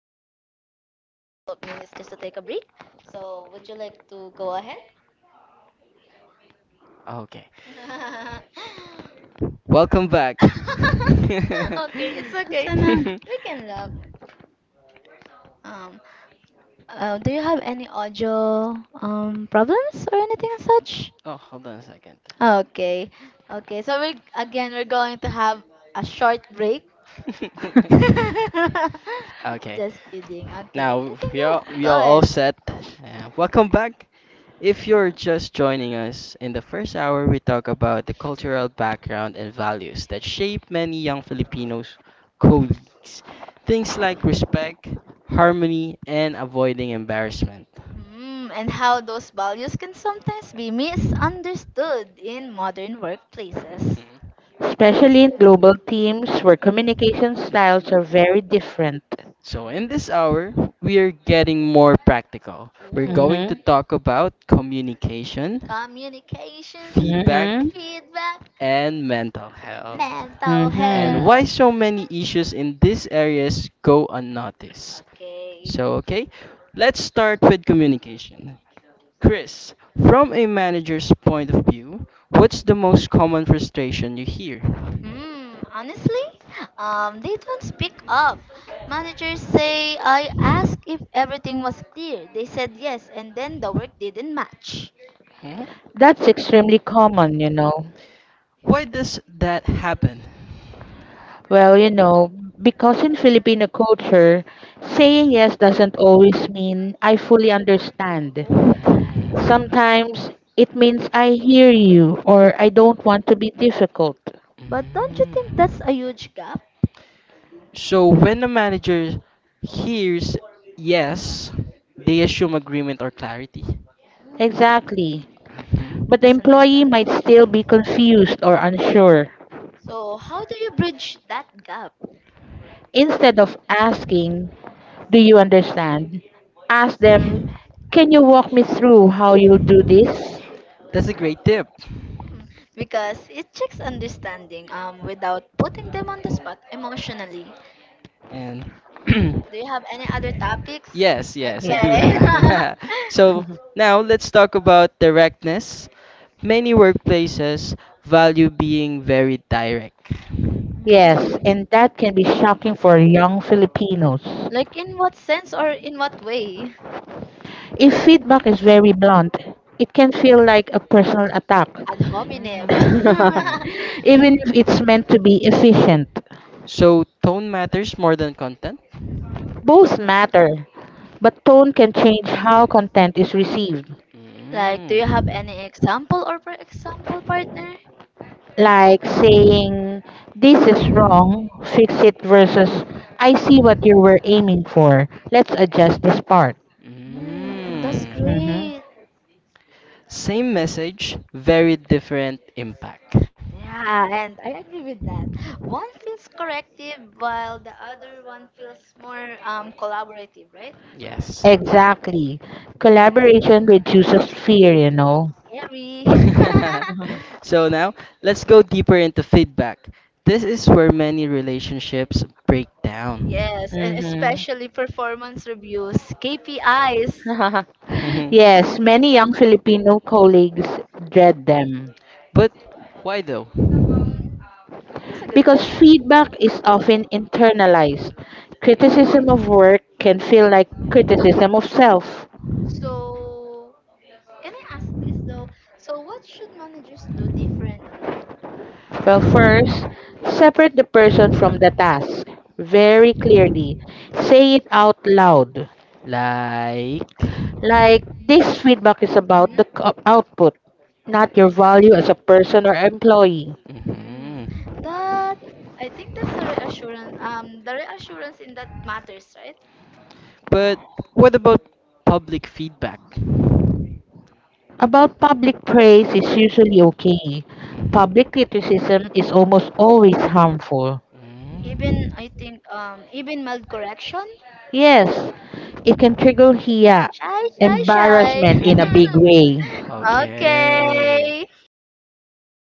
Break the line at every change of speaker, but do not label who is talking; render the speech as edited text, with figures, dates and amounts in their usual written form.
a few couple of minutes just to take a break. So would you like to go ahead?
Okay. Welcome back. Oh,
Okay, it's okay.
Sana.
We can laugh. Um, do you have any audio problems or anything as such?
hold on a second.
Okay, okay. So we're going to have a short break.
Okay.
Just kidding. Okay, you
Now
can
we are
go.
we are
Go
all
ahead.
set. Welcome back. If you're just joining us, in the first hour we talk about the cultural background and values that shape many young Filipinos colleagues. Things like respect, harmony, and avoiding embarrassment.
Mm, and how those values can sometimes be misunderstood in modern workplaces.
Especially in global teams where communication styles are very different.
So, in this hour, we are getting more practical. We're
Ooh.
going
Mm-hmm.
to talk about communication,
Communication,
feedback,
Mm-hmm.
feedback,
and mental
mental
health,
Mental
Mm-hmm.
and why
health.
so many issues in these areas go unnoticed.
Okay.
So, okay, let's start with communication. Chris, from a manager's point of view, what's the most common frustration you hear?
Hmm, honestly, they don't speak up. Managers say, I asked if everything was clear. They said yes, and then the work didn't match.
Hmm?
That's extremely common,
Why does that happen?
Well, because in Filipino culture, saying yes doesn't always mean I fully understand. Sometimes it means I hear you, or I don't want to be difficult.
But don't you think that's
Mm.
a huge gap?
So when the manager hears yes, they assume agreement or clarity.
Exactly,
Hmm.
but the
That's
employee might
understandable.
still be confused or unsure.
So how do you bridge that gap?
Instead of asking, "Do you understand?" ask them, "Can you walk me through how you'll do this?"
That's a great tip.
Hmm, because it checks understanding without putting them on the spot emotionally.
And
Do you have any other topics?
yes, yes, I do
Yeah.
Okay.
have. So now let's talk about directness. Many workplaces value being very direct.
Yes,
Mhm.
and that can be shocking for young Filipinos.
Like in what sense or in what way?
If feedback is very blunt, it can feel like a personal attack,
Ad hominem.
Mm.
even if it's meant to be efficient.
So tone matters more than content.
Both matter, but tone can change how content is received.
Like, do you have
Mm.
any example or for example partner?
Like saying, "This is wrong, fix it," versus, "I see what you were aiming for. Let's adjust this part."
Hmm, that's
Mm.
Hmm.
great.
Same message, very different impact.
Yeah, and I agree with that. One feels corrective while the other one feels more collaborative, right?
Yes.
Exactly. Collaboration reduces fear,
Scary.
So now let's go deeper into feedback. This is where many relationships break down.
Yes, and
Mm-hmm.
especially performance reviews, KPIs.
Yes, many young Filipino colleagues dread them
But why though?
That's a good
because
question.
feedback is often internalized. Criticism of
Mm.
work can feel like criticism of self.
So, can I ask this though? So, what should managers do differently?
Well, first, separate the person from the task very clearly. Say it out loud.
Like,
Like, this feedback is about the
Mhm.
output, not your value as a person or employee.
Mm.
mhm.
That I think that's a reassurance. The reassurance in that matters, right?
But what about public feedback?
About public praise is usually okay.
Mm.
Public criticism is almost always harmful.
Even I think even mild correction.
Yes, it can trigger here
Shy, shy, shy.
embarrassment in a
Mm.
big way.
Okay.
Okay.